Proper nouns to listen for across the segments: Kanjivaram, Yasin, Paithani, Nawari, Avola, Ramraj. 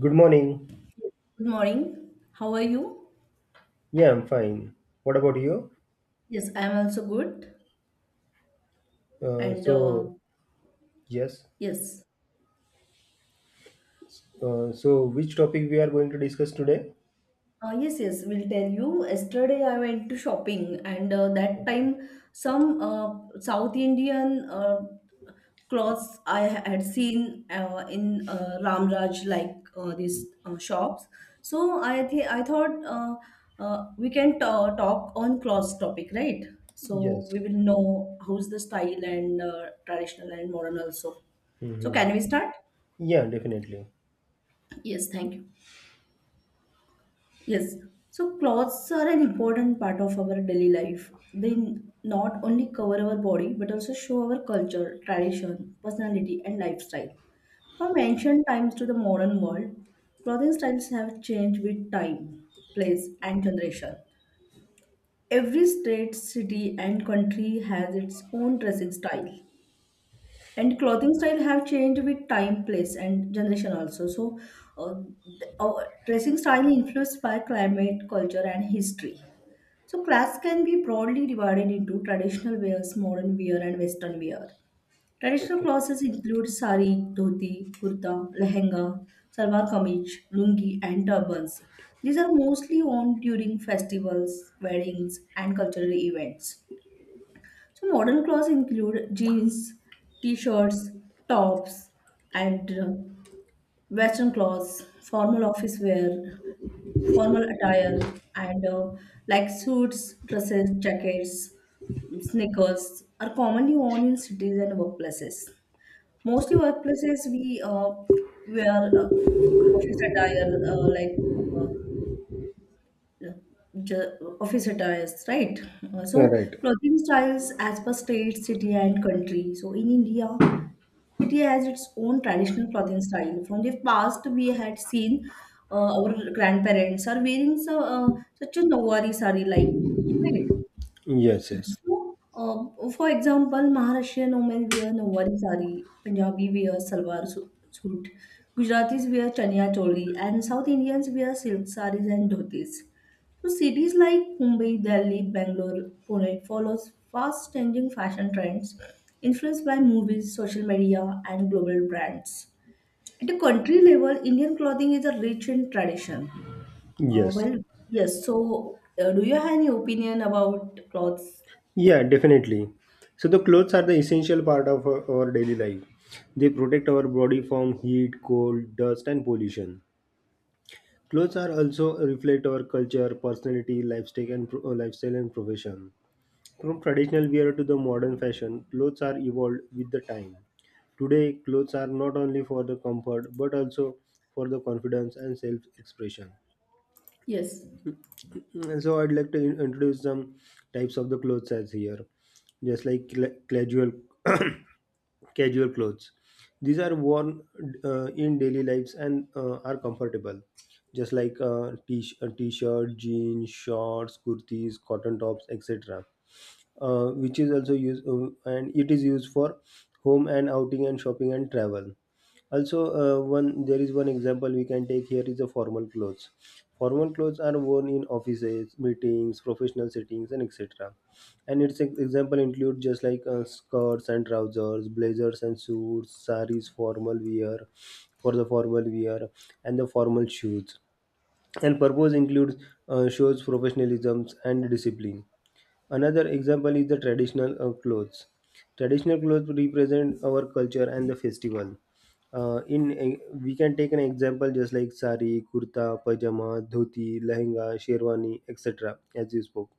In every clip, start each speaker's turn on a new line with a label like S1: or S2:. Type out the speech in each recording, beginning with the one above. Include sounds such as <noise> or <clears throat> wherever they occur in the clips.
S1: Good morning.
S2: Good morning. How are you?
S1: Yeah, I'm fine. What about you?
S2: Yes, I am also good.
S1: Uh,
S2: And
S1: so, yes.
S2: yes.
S1: Which topic we are going to discuss today?
S2: Yes, yes, we'll tell you. Yesterday, I went to shopping, and that time, some South Indian clothes I had seen in Ramraj, like these shops. So I thought we can ta talk on clothes topic, right? So
S1: Yes.
S2: we will know how's the style and traditional and modern also. So
S1: Mm-hmm.
S2: can we start?
S1: Yeah, definitely.
S2: Yes, thank you. Yes, so clothes are an important part of our daily life. They not only cover our body but also show our culture, tradition, personality, and lifestyle. From ancient times to the modern world, clothing styles have changed with time, place, and generation. Every state, city, and country has its own dressing style. And clothing style have changed with time, place, and generation also. So, uh, our dressing style influenced by climate, culture, and history. So, class can be broadly divided into traditional wears, modern wear, and western wear. Traditional
S1: Okay.
S2: clothes include sari, dhoti, kurta, lehenga, salwar kameez, lungi, and turbans. These are mostly worn during festivals, weddings, and cultural events. So modern clothes include jeans, t-shirts, tops, and western clothes, formal office wear, formal attire, and like suits, dresses, jackets, sneakers are commonly worn in cities and workplaces. Mostly workplaces we wear office attire like uh, office attires, right? Uh,
S1: All
S2: so
S1: right.
S2: clothing styles as per state, city, and country. So in India, city has its own traditional clothing style. From the past, we had seen our grandparents are wearing such a Nawari sari like, right?
S1: Yes.
S2: So, for example, Maharashtrian women wear Nawari sari, Punjabi wear salwar suit, Gujaratis wear chania choli, and South Indians wear silk saris and dhotis. So, cities like Mumbai, Delhi, Bangalore, Pune follows fast-changing fashion trends influenced by movies, social media, and global brands. At a country level, Indian clothing is a rich in tradition. Uh,
S1: Yes.
S2: well, yes. So, do you have any opinion about clothes?
S1: Yeah, definitely. So the clothes are the essential part of our daily life. They protect our body from heat, cold, dust, and pollution. Clothes are also reflect our culture, personality, lifestyle, and lifestyle and profession. From traditional wear to the modern fashion, clothes are evolved with the time. Today, clothes are not only for the comfort but also for the confidence and self expression.
S2: Yes.
S1: And <clears throat> so, I'd like to introduce some types of the clothes as here, just like cla casual, <coughs> casual clothes. These are worn in daily lives and are comfortable, just like a t-shirt, jeans, shorts, kurtis, cotton tops, etc. Which is also used and it is used for home and outing and shopping and travel also. One there is One example we can take here is the formal clothes. Formal clothes are worn in offices, meetings, professional settings, and etc. And its example include just like skirts and trousers, blazers and suits, saris, formal wear for the formal wear, and the formal shoes. And purpose includes, shows professionalism and discipline. Another example is the traditional clothes. Traditional clothes represent our culture and the festival. We can take an example just like sari, kurta, pajama, dhoti, lehenga, sherwani, etc. As you spoke,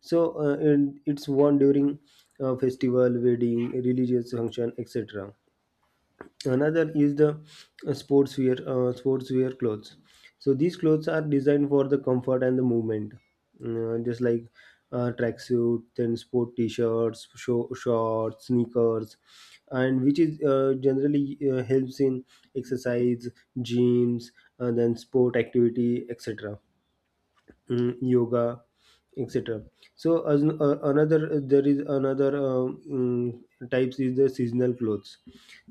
S1: so and it's worn during festival, wedding, religious function, etc. Another is the sportswear clothes. So these clothes are designed for the comfort and the movement. Just like tracksuit, then sport t-shirts, shorts, sneakers, and which is generally helps in exercise, gyms, and then sport activity, etc. Yoga, etc. So as, another there is another mm, types is the seasonal clothes.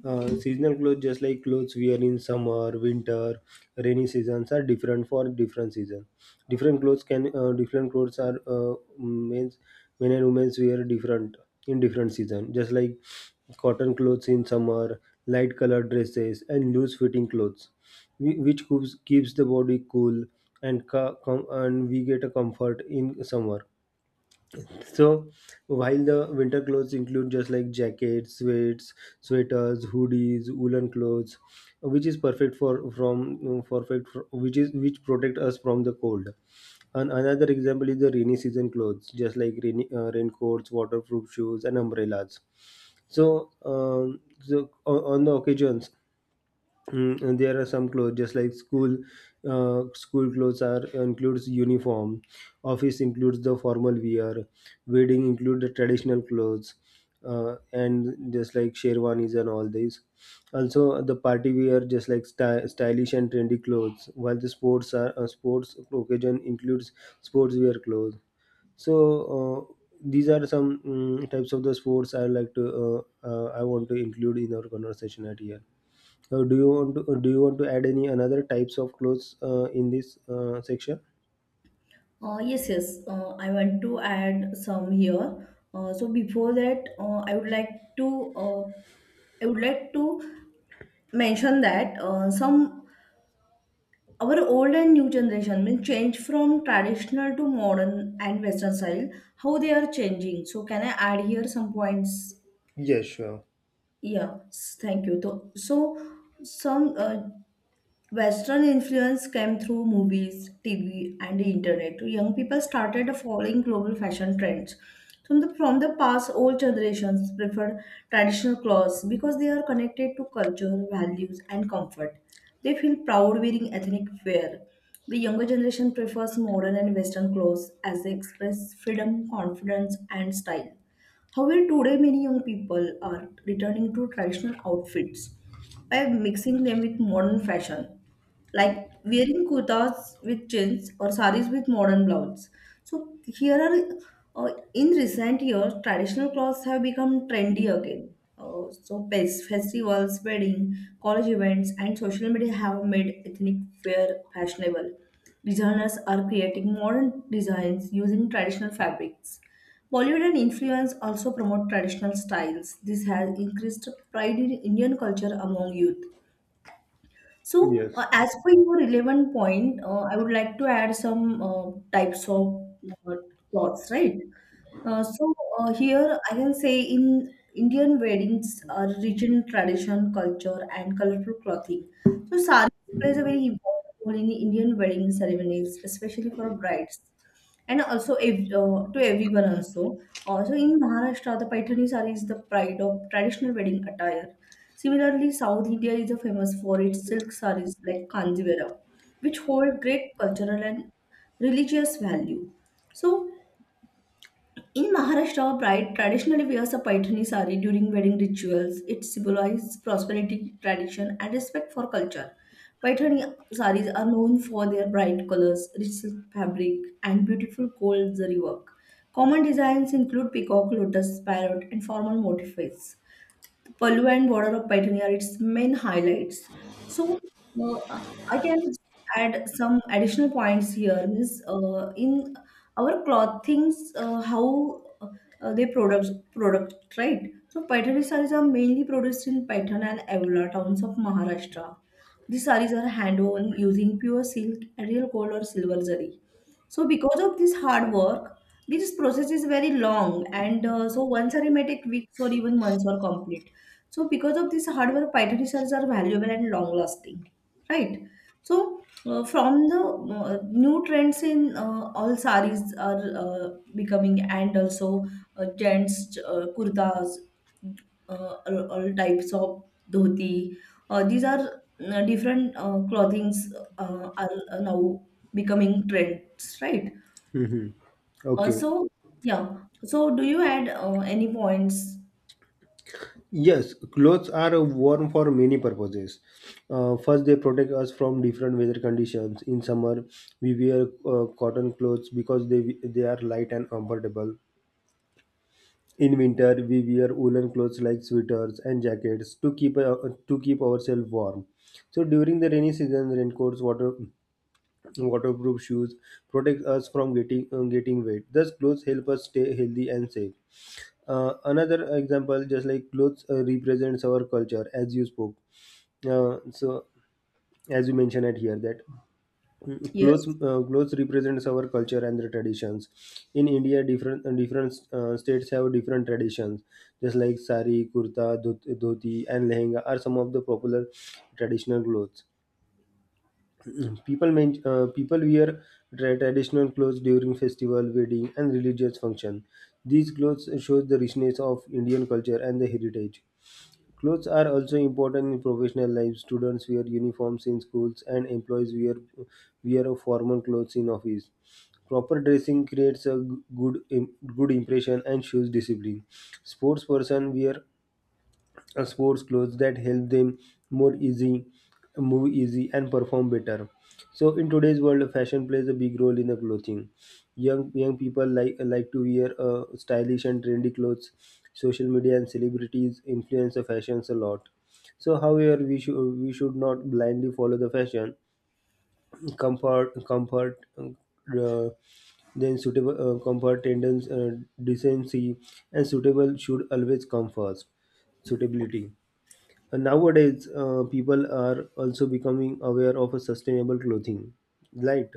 S1: Seasonal clothes just like clothes wear in summer, winter, rainy seasons are different for different season. Different clothes can different clothes are means men and women wear different in different season, just like cotton clothes in summer, light colored dresses and loose fitting clothes, which keeps the body cool, and and we get a comfort in summer. So while the winter clothes include just like jackets, sweats, sweaters, hoodies, woolen clothes, which is perfect for, which is which protect us from the cold. And another example is the rainy season clothes, just like raincoats, waterproof shoes, and umbrellas. So on the occasions. And there are some clothes, just like school clothes are includes uniform. Office includes the formal wear. Wedding include the traditional clothes, and just like sherwanis and all these. Also the party wear, just like stylish and trendy clothes. While the sports are sports occasion includes sports wear clothes. So uh, these are some types of the sports I like to I want to include in our conversation at here. Do you want to add any another types of clothes in this section?
S2: Yes, yes. I want to add some here. So before that, I would like to I would like to mention that some our old and new generation mean change from traditional to modern and Western style. How they are changing. So can I add here some points?
S1: Yes, sure.
S2: Yeah. Thank you. So some Western influence came through movies, TV, and the internet. Young people started following global fashion trends. From the past, old generations preferred traditional clothes because they are connected to culture, values, and comfort. They feel proud wearing ethnic wear. The younger generation prefers modern and Western clothes as they express freedom, confidence, and style. However, today many young people are returning to traditional outfits by mixing them with modern fashion, like wearing kurtas with chins or saris with modern blouses. So here are In recent years, traditional clothes have become trendy again. So festivals, wedding, college events, and social media have made ethnic wear fashionable. Designers are creating modern designs using traditional fabrics. Bollywood and influence also promote traditional styles. This has increased pride in Indian culture among youth. So,
S1: Yes.
S2: as per your relevant point, I would like to add some types of uh, cloths, right? So here I can say in Indian weddings are rich in tradition, culture, and colorful clothing. So saree plays a very important role in Indian wedding ceremonies, especially for brides and also to everyone also. Also in Maharashtra, the Paithani saree is the pride of traditional wedding attire. Similarly, South India is famous for its silk sarees like Kanjivaram, which hold great cultural and religious value. So, in Maharashtra, a bride traditionally wears a paithani sari during wedding rituals. It symbolizes prosperity, tradition, and respect for culture. Paithani saris are known for their bright colors, rich silk fabric, and beautiful gold zari work. Common designs include peacock, lotus, parrot, and formal motifs. Pallu and border of Paithan are its main highlights. So uh, I can add some additional points here. Means in our clothings, how they products product, right. So Paithani sarees are mainly produced in Paithan and Avola towns of Maharashtra. These sarees are hand woven using pure silk, real gold or silver zari. So because of this hard work, this process is very long, and so one saree may take weeks or even months or complete. So because of this hard work, Python research are valuable and long lasting, right? So from the new trends in all saris are becoming, and also gents kurtas, all types of dhoti. These are different clothings are now becoming trends, right?
S1: hmm
S2: Uh,
S1: Okay.
S2: so yeah. So do you add any points?
S1: Yes, clothes are worn for many purposes. First, they protect us from different weather conditions. In summer, we wear cotton clothes because they are light and comfortable. In winter, we wear woolen clothes like sweaters and jackets to keep ourselves warm. So during the rainy season, raincoats, waterproof shoes protect us from getting wet. Thus clothes help us stay healthy and safe. Another example, just like clothes represents our culture, as you spoke. Uh, so as you mentioned at here that
S2: Yes.
S1: clothes represents our culture and the traditions. In India, different different states have different traditions, just like sari, kurta, dhoti, and lehenga are some of the popular traditional clothes. People wear traditional clothes during festival, wedding, and religious function. These clothes show the richness of Indian culture and the heritage. Clothes are also important in professional life. Students wear uniforms in schools, and employees wear formal clothes in office. Proper dressing creates a good im- good impression and shows discipline. Sports person wear sports clothes that help them more easy move easy and perform better. So in today's world fashion plays a big role in the clothing. Young people like to wear stylish and trendy clothes. Social media and celebrities influence the fashions a lot. So however we should not blindly follow the fashion. Comfort comfort then suitable comfort tendency Decency and suitable should always come first. Suitability. And nowadays, people are also becoming aware of a sustainable clothing, right?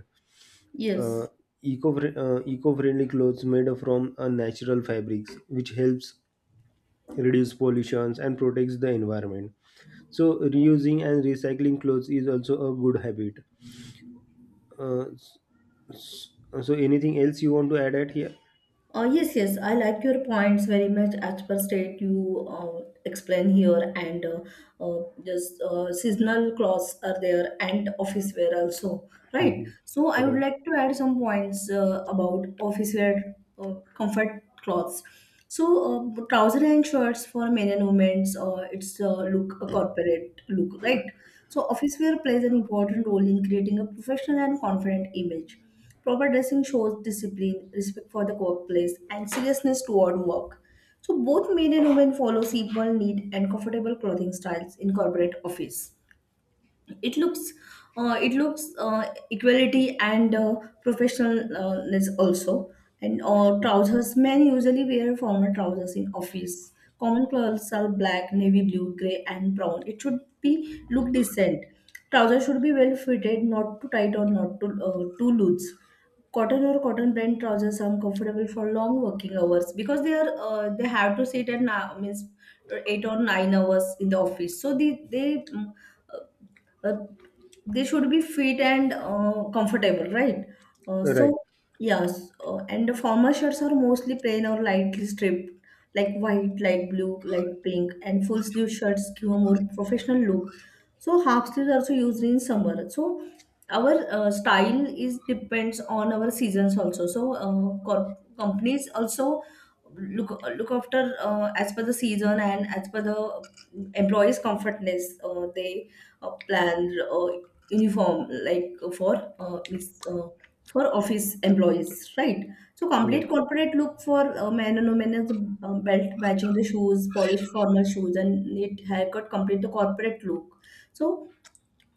S1: Uh,
S2: Yes.
S1: Eco-friendly clothes made from natural fabrics, which helps reduce pollutions and protects the environment. So, reusing and recycling clothes is also a good habit. Uh, s- s- so, anything else you want to add at here?
S2: Yes, yes, I like your points very much as per state you explain here, and just seasonal clothes are there and office wear also, right?
S1: Mhm.
S2: So I would
S1: Right.
S2: like to add some points about office wear comfort clothes. So trouser and shirts for men and women, it's look a corporate look, right? So, office wear plays an important role in creating a professional and confident image. Proper dressing shows discipline, respect for the workplace, and seriousness toward work. So, both men and women follow simple, neat, and comfortable clothing styles in corporate office. It looks uh, it looks equality and professionalness also. And trousers, men usually wear formal trousers in office. Common colors are black, navy blue, gray, and brown. It should be look decent. Trousers should be well fitted, not too tight or not too loose. Cotton or cotton blend trousers are comfortable for long working hours because they have to sit at now means 8 or 9 hours in the office. So uh, they should be fit and comfortable, right? Uh,
S1: Right.
S2: so yes, and the formal shirts are mostly plain or lightly striped, like white, light blue, light pink, and full sleeve shirts give a more professional look. So half sleeves are also used in summer. So our style is depends on our seasons also. So companies also look after as per the season and as per the employees' comfortness. They plan uniform like for office employees, right. So
S1: Right.
S2: complete corporate look for man and women, as belt matching the shoes, polished formal shoes, and neat haircut complete the corporate look. So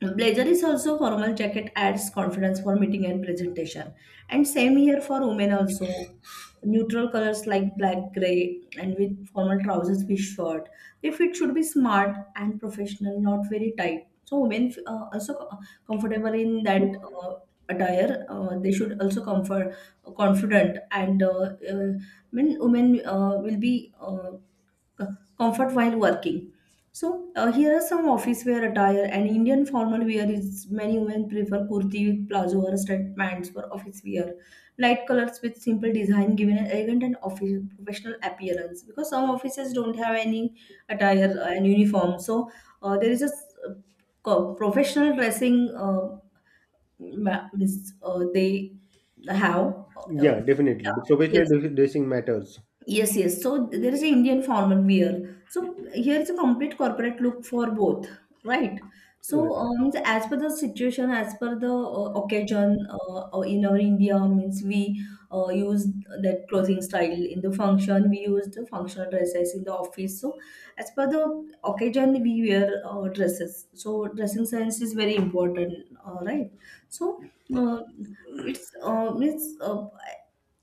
S2: blazer is also formal jacket, adds confidence for meeting and presentation. And same here for women also. Neutral colors like black, grey, and with formal trousers with shirt. If it should be smart and professional, not very tight. So women also comfortable in that uh, attire. They should also comfort confident and uh, I mean women will be uh, comfort while working. So here are some office wear attire and Indian formal wear is many women prefer kurti with plazo or straight pants for office wear. Light colors with simple design giving an elegant and office professional appearance because some offices don't have any attire and uniform. So there is a professional dressing means, they have.
S1: Yeah, definitely. The
S2: Yeah. Yes.
S1: dressing matters.
S2: Yes, yes. So there is an Indian formal wear. So here is a complete corporate look for both, right? So
S1: Right.
S2: means as per the situation, as per the occasion in our India, means we use that clothing style in the function. We use the functional dresses in the office. So as per the occasion, we wear dresses. So dressing sense is very important, right? So uh, it's means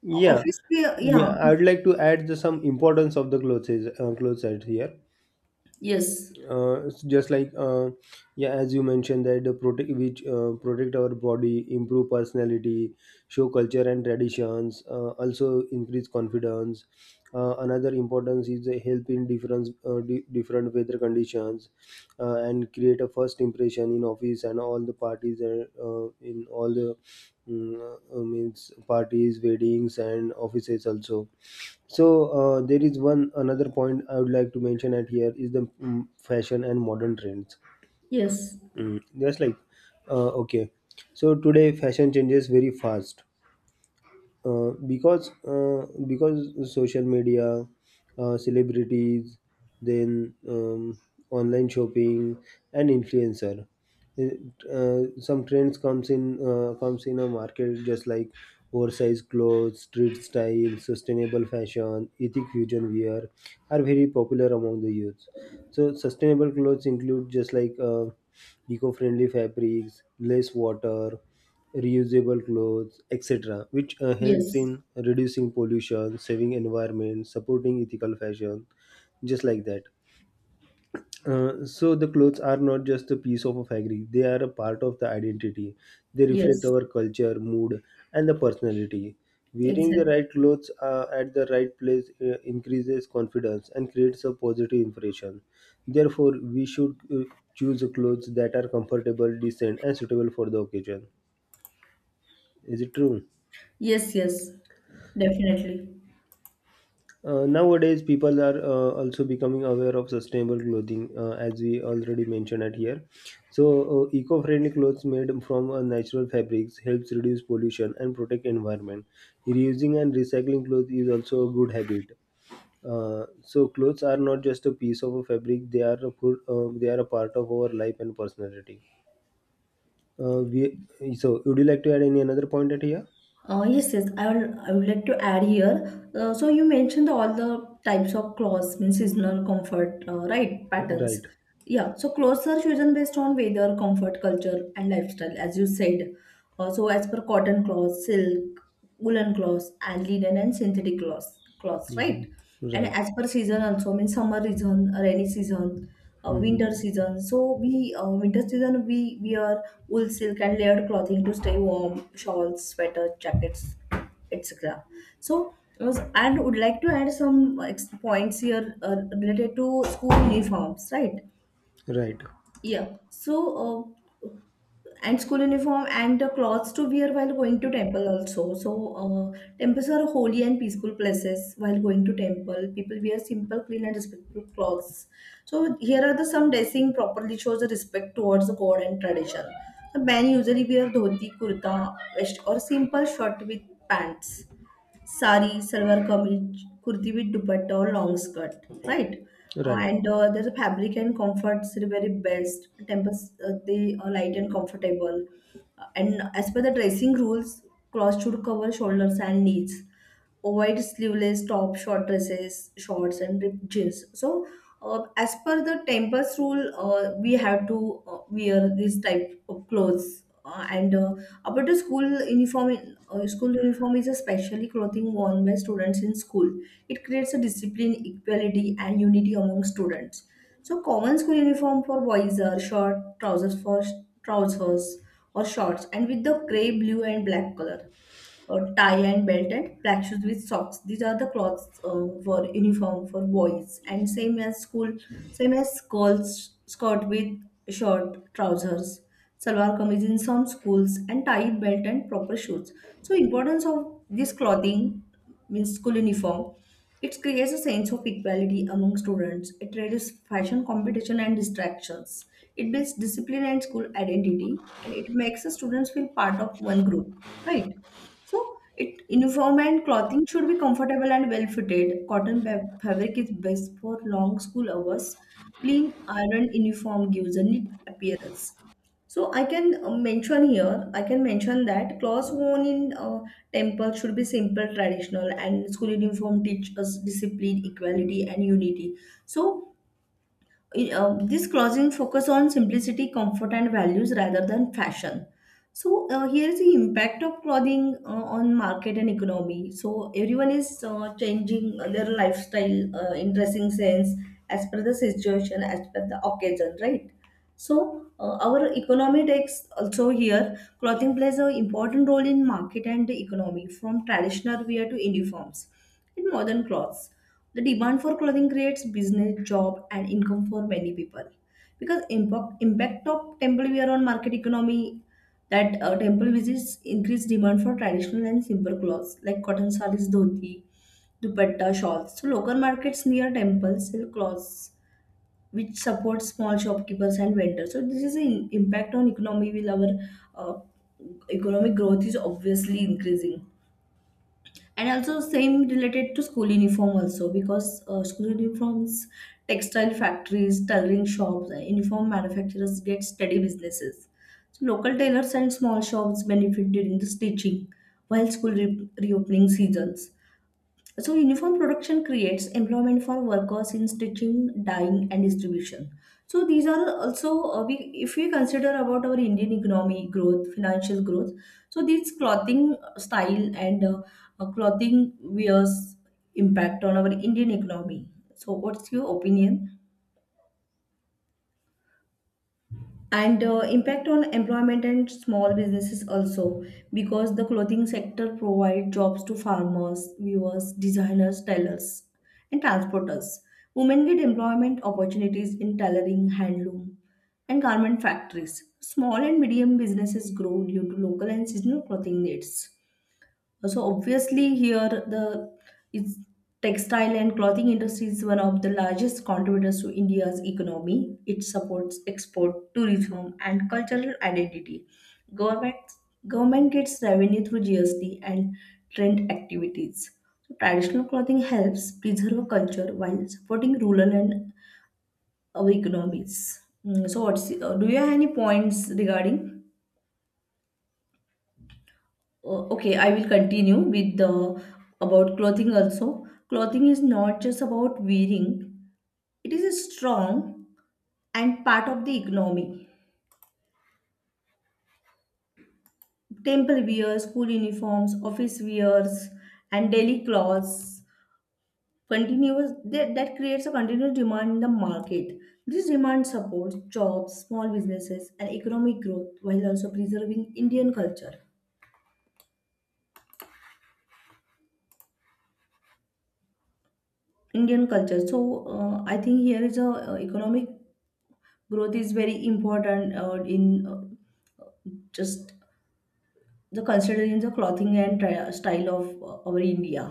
S1: Yeah,
S2: office wear,
S1: yeah.
S2: yeah,
S1: I would like to add some importance of the clothes, clothes out here.
S2: yes.
S1: It's just like Yeah, as you mentioned that the protect which protect our body, improve personality, show culture and traditions, also increase confidence. Another importance is the help in different different weather conditions, and create a first impression in office and all the parties, in all the means, parties, weddings, and offices also. So there is one another point I would like to mention at here is the fashion and modern trends.
S2: Yes,
S1: Just like uh, okay, so today fashion changes very fast, because social media, celebrities, then online shopping, and influencer. It, some trends comes in a market, just like oversized clothes, street style, sustainable fashion, ethic fusion wear are very popular among the youth. So sustainable clothes include, just like eco-friendly fabrics, less water, reusable clothes, etc., which helps
S2: yes,
S1: in reducing pollution, saving environment, supporting ethical fashion, just like that. So the clothes are not just a piece of a fabric, they are a part of the identity. They reflect
S2: yes,
S1: our culture, mood, and the personality. Wearing the
S2: exactly.
S1: right clothes at the right place increases confidence and creates a positive impression. Therefore we should choose clothes that are comfortable, decent, and suitable for the occasion. Is it true?
S2: Yes, yes, definitely.
S1: Nowadays, people are also becoming aware of sustainable clothing, as we already mentioned at here. So, eco-friendly clothes made from natural fabrics helps reduce pollution and protect environment. Reusing and recycling clothes is also a good habit. So, clothes are not just a piece of a fabric; they are a full, they are a part of our life and personality. Uh, we, so, would you like to add any another point at here?
S2: Yes, yes. I will. I would like to add here. So you mentioned all the types of clothes, means seasonal comfort, right? Patterns.
S1: Right.
S2: Yeah. So clothes are chosen based on weather, comfort, culture, and lifestyle, as you said. So as per cotton cloth, silk, woolen cloth, and linen and synthetic cloth, cloths,
S1: hmm
S2: right? And
S1: Right.
S2: as per season also means summer season, rainy season,
S1: hmm
S2: winter season. So we winter season we wear wool, silk, and layered clothing to stay warm. Shawls, sweaters, jackets, etc. So and would like to add some points here, related to school uniforms, right?
S1: Right.
S2: Yeah, so uh, and school uniform and the clothes to wear while going to temple also. So temples are holy and peaceful places. While going to temple, people wear simple, clean, and respectful clothes. So here are the some dressing properly shows the respect towards the god and tradition. The men usually wear dhoti kurta, vest, or simple shirt with pants. Sari, salwar kameez, kurti with dupatta or long skirt, right?
S1: Right.
S2: And there's a fabric and comforts the very best. Tempers they are light and comfortable. And as per the dressing rules, clothes should cover shoulders and knees. Avoid sleeveless top, short dresses, shorts, and ripped jeans. So as per the tempers rule, we have to wear this type of clothes, and about the school uniform. School uniform is a specially clothing worn by students in school. It creates a discipline, equality, and unity among students. So common school uniform for boys are short trousers for trousers or shorts and with the grey, blue, and black color. A tie and belt and black shoes with socks. These are the clothes, for uniform for boys. And same as school, same as girls, skirt with short trousers, salwar kameez in some schools, and tie, belt, and proper shoes. So importance of this clothing means school uniform. It creates a sense of equality among students. It reduces fashion competition and distractions. It builds discipline and school identity, and it makes the students feel part of one group, right? So, it uniform and clothing should be comfortable and well fitted. Cotton fabric is best for long school hours. Clean iron uniform gives a neat appearance. So I can mention here, I can mention that clothes worn in temple should be simple, traditional, and school uniform teach us discipline, equality, and unity. So this clothing focus on simplicity, comfort, and values rather than fashion. So here is the impact of clothing on market and economy. So everyone is changing their lifestyle in dressing sense as per the situation, as per the occasion, right? So our economy takes also here clothing plays an important role in market and the economy from traditional wear to uniforms in modern clothes. The demand for clothing creates business, job, and income for many people because impact of temple wear on market economy. That temple visits increase demand for traditional and simple clothes like cotton sarees, dhoti, dupatta, shawls. So local markets near temples sell clothes which supports small shopkeepers and vendors. So this is an impact on economy will our uh, economic growth is obviously increasing. And also same related to school uniform also because school uniforms, textile factories, tailoring shops, and uniform manufacturers get steady businesses. So local tailors and small shops benefit during the stitching while school reopening seasons. So uniform production creates employment for workers in stitching, dyeing, and distribution. So these are also if we consider about our Indian economy growth, financial growth. So these clothing style and clothing wears impact on our Indian economy. So what's your opinion? And impact on employment and small businesses also because the clothing sector provide jobs to farmers, viewers, designers, tailors, and transporters. Women get employment opportunities in tailoring, handloom, and garment factories. Small and medium businesses grow due to local and seasonal clothing needs. So obviously here the it's textile and clothing industry is one of the largest contributors to India's economy. It supports export, tourism, and cultural identity. Government Government gets revenue through GST and trend activities. So traditional clothing helps preserve culture while supporting rural and our economies. Mm, so what's do you have any points regarding? Okay, I will continue with the about clothing also. Clothing is not just about wearing, it is a strong and part of the economy. Temple wear, school uniforms, office wears, and daily clothes continuous that creates a continuous demand in the market. This demand supports jobs, small businesses, and economic growth while also preserving Indian culture. So I think here is a economic growth is very important, in just the considering the clothing and style of our India.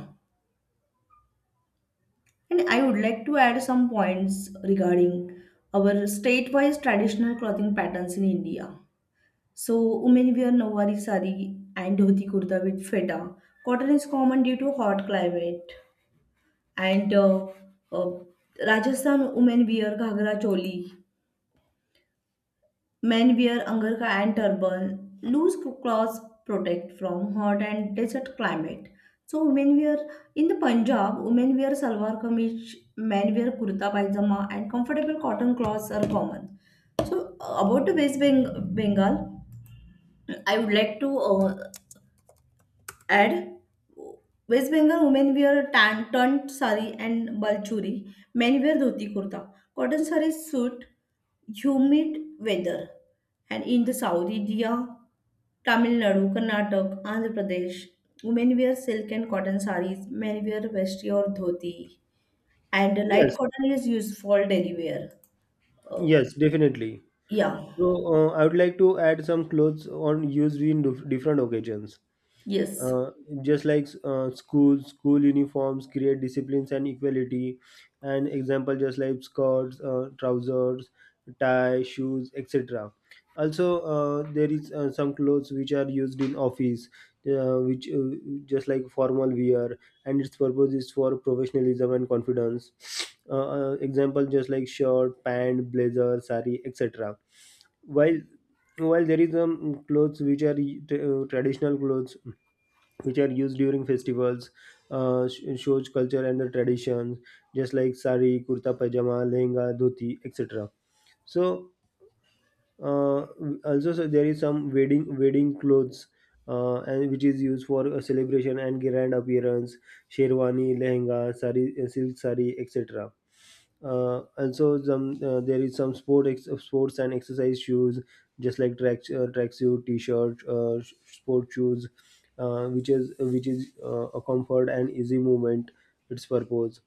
S2: And I would like to add some points regarding our state wise traditional clothing patterns in India. So women wear nawari sari and dhoti kurta with feta. Cotton is common due to hot climate. And uh, Rajasthan women wear ghagra choli. Men wear angarka and turban. Loose clothes protect from hot and desert climate. So women wear in the Punjab, women wear salwar kameez, men wear kurta pajama, and comfortable cotton clothes are common. So about the Bengal, I would like to add West Bengal women wear tan, turned sari and balchuri. Men wear dhoti kurta. Cotton sari suit humid weather. And in the South India, Tamil Nadu, Karnataka, Andhra Pradesh, women wear silk and cotton saris. Men wear vesti or dhoti. And light
S1: Yes.
S2: cotton is used for daily wear. Uh,
S1: Yes, definitely.
S2: yeah.
S1: So I would like to add some clothes on used in different occasions.
S2: Yes.
S1: uh, just like school uniforms create disciplines and equality. And example, just like skirts, trousers, tie, shoes, etc. Also there is some clothes which are used in office, which just like formal wear, and its purpose is for professionalism and confidence. Example, just like shirt, pant, blazer, sari, etc. while while there is clothes which are traditional clothes, which are used during festivals, shows culture and the traditions, just like sari, kurta, pajama, lehenga, dhoti, etc. So uh, also so there is some wedding clothes, and which is used for a celebration and grand appearance: sherwani, lehenga, sari, silk sari, etc. Also some, there is some sports and exercise shoes, just like tracksuit, t-shirt, sport shoes, which is a comfort and easy movement its purpose.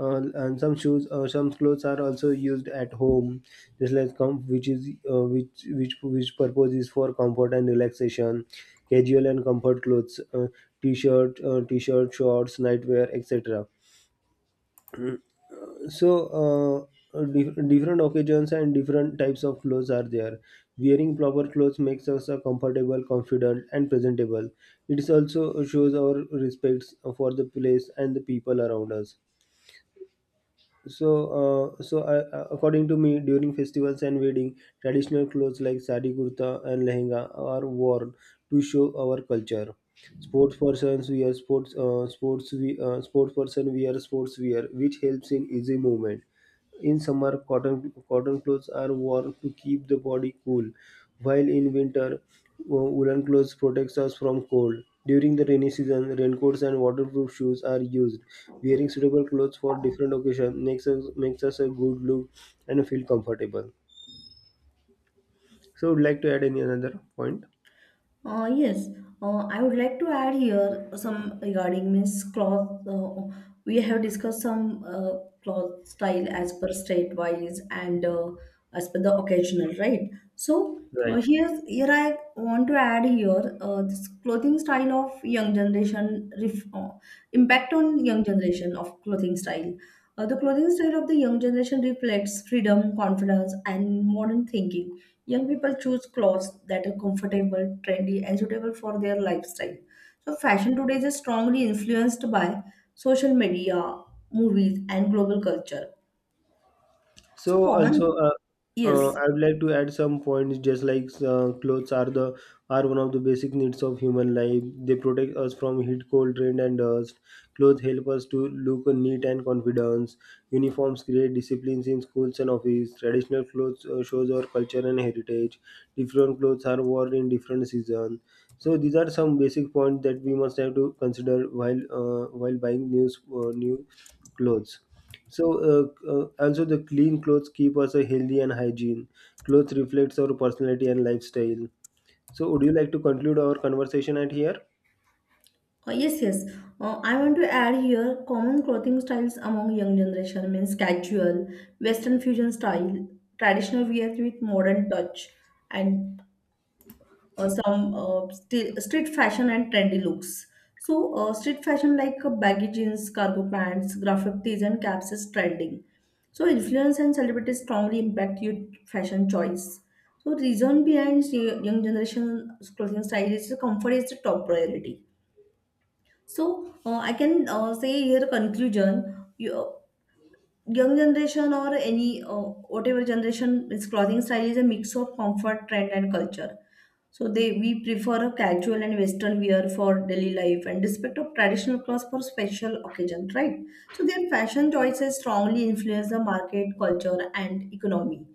S1: And some shoes or some clothes are also used at home, just like which purpose is for comfort and relaxation. Casual and comfort clothes, t-shirt, shorts, nightwear, etc. So different occasions and different types of clothes are there. Wearing proper clothes makes us a comfortable, confident, and presentable. It also shows our respects for the place and the people around us. So according to me during festivals and wedding traditional clothes like sari, kurta, and lehenga are worn to show our culture. Sports persons wear sports sports we, sports person wear sports wear which helps in easy movement. In summer, cotton clothes are worn to keep the body cool, while in winter, woolen clothes protects us from cold. During the rainy season, raincoats and waterproof shoes are used. Wearing suitable clothes for different occasions makes us a good look and feel comfortable. So, would like to add any another point?
S2: Yes, I would like to add here some regarding Miss cloth. We have discussed some cloth style as per state wise and as per the occasional, right? So
S1: Right.
S2: here I want to add here this clothing style of young generation impact on young generation of clothing style. The clothing style of the young generation reflects freedom, confidence, and modern thinking. Young people choose clothes that are comfortable, trendy, and suitable for their lifestyle. So, fashion today is strongly influenced by social media, movies, and global culture. So,
S1: So also,
S2: common, yes,
S1: I would like to add some points. Just like clothes are the are one of the basic needs of human life. They protect us from heat, cold, rain, and dust. Clothes help us to look neat and confident. Uniforms create disciplines in schools and office. Traditional clothes shows our culture and heritage. Different clothes are worn in different seasons. So these are some basic points that we must have to consider while buying new clothes. So, also the clean clothes keep us a healthy and hygiene. Clothes reflects our personality and lifestyle. So, would you like to conclude our conversation at here?
S2: yes, yes. I want to add here common clothing styles among young generation means casual, Western fusion style, traditional wear with modern touch, and or some street fashion and trendy looks. So, street fashion like baggy jeans, cargo pants, graphic tees, and caps is trending. So, influence and celebrities strongly impact youth fashion choice. So, reason behind young generation clothing style is comfort is the top priority. So, I can say here conclusion. Young generation or any whatever generation its clothing style is a mix of comfort, trend, and culture. So they we prefer a casual and western wear for daily life and respect of traditional clothes for special occasion, right? So their fashion choices strongly influence the market, culture, and economy.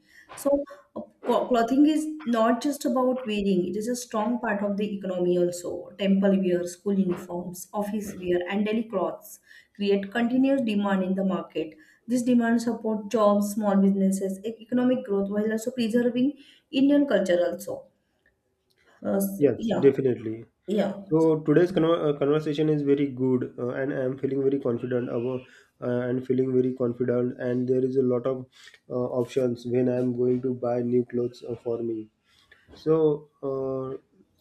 S2: So clothing is not just about wearing, it is a strong part of the economy also. Temple wear, school uniforms, office wear, and daily clothes create continuous demand in the market. This demand support jobs, small businesses, economic growth while also preserving Indian culture also. Uh, s-
S1: Yes,
S2: yeah,
S1: definitely.
S2: yeah.
S1: So today's conversation is very good, and I am feeling very confident about, and feeling very confident. And there is a lot of options when I am going to buy new clothes for me. So, uh,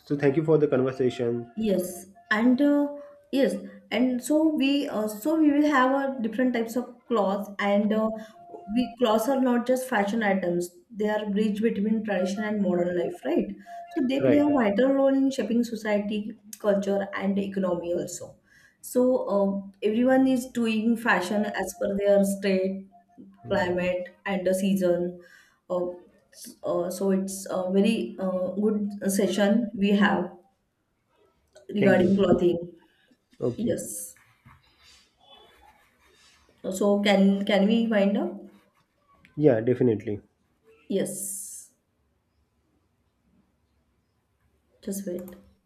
S1: thank you for the conversation.
S2: Yes, and yes, and so we will have a different types of cloth, and we clothes are not just fashion items; they are bridge between tradition and modern life, right? So they
S1: Right.
S2: play a vital role in shaping society, culture, and economy also. So everyone is doing fashion as per their state, climate, and the season. Uh, so it's a very good session we have
S1: Thank you.
S2: regarding clothing.
S1: Okay.
S2: Yes. So can we wind up?
S1: Yeah, definitely.
S2: Yes. Just wait.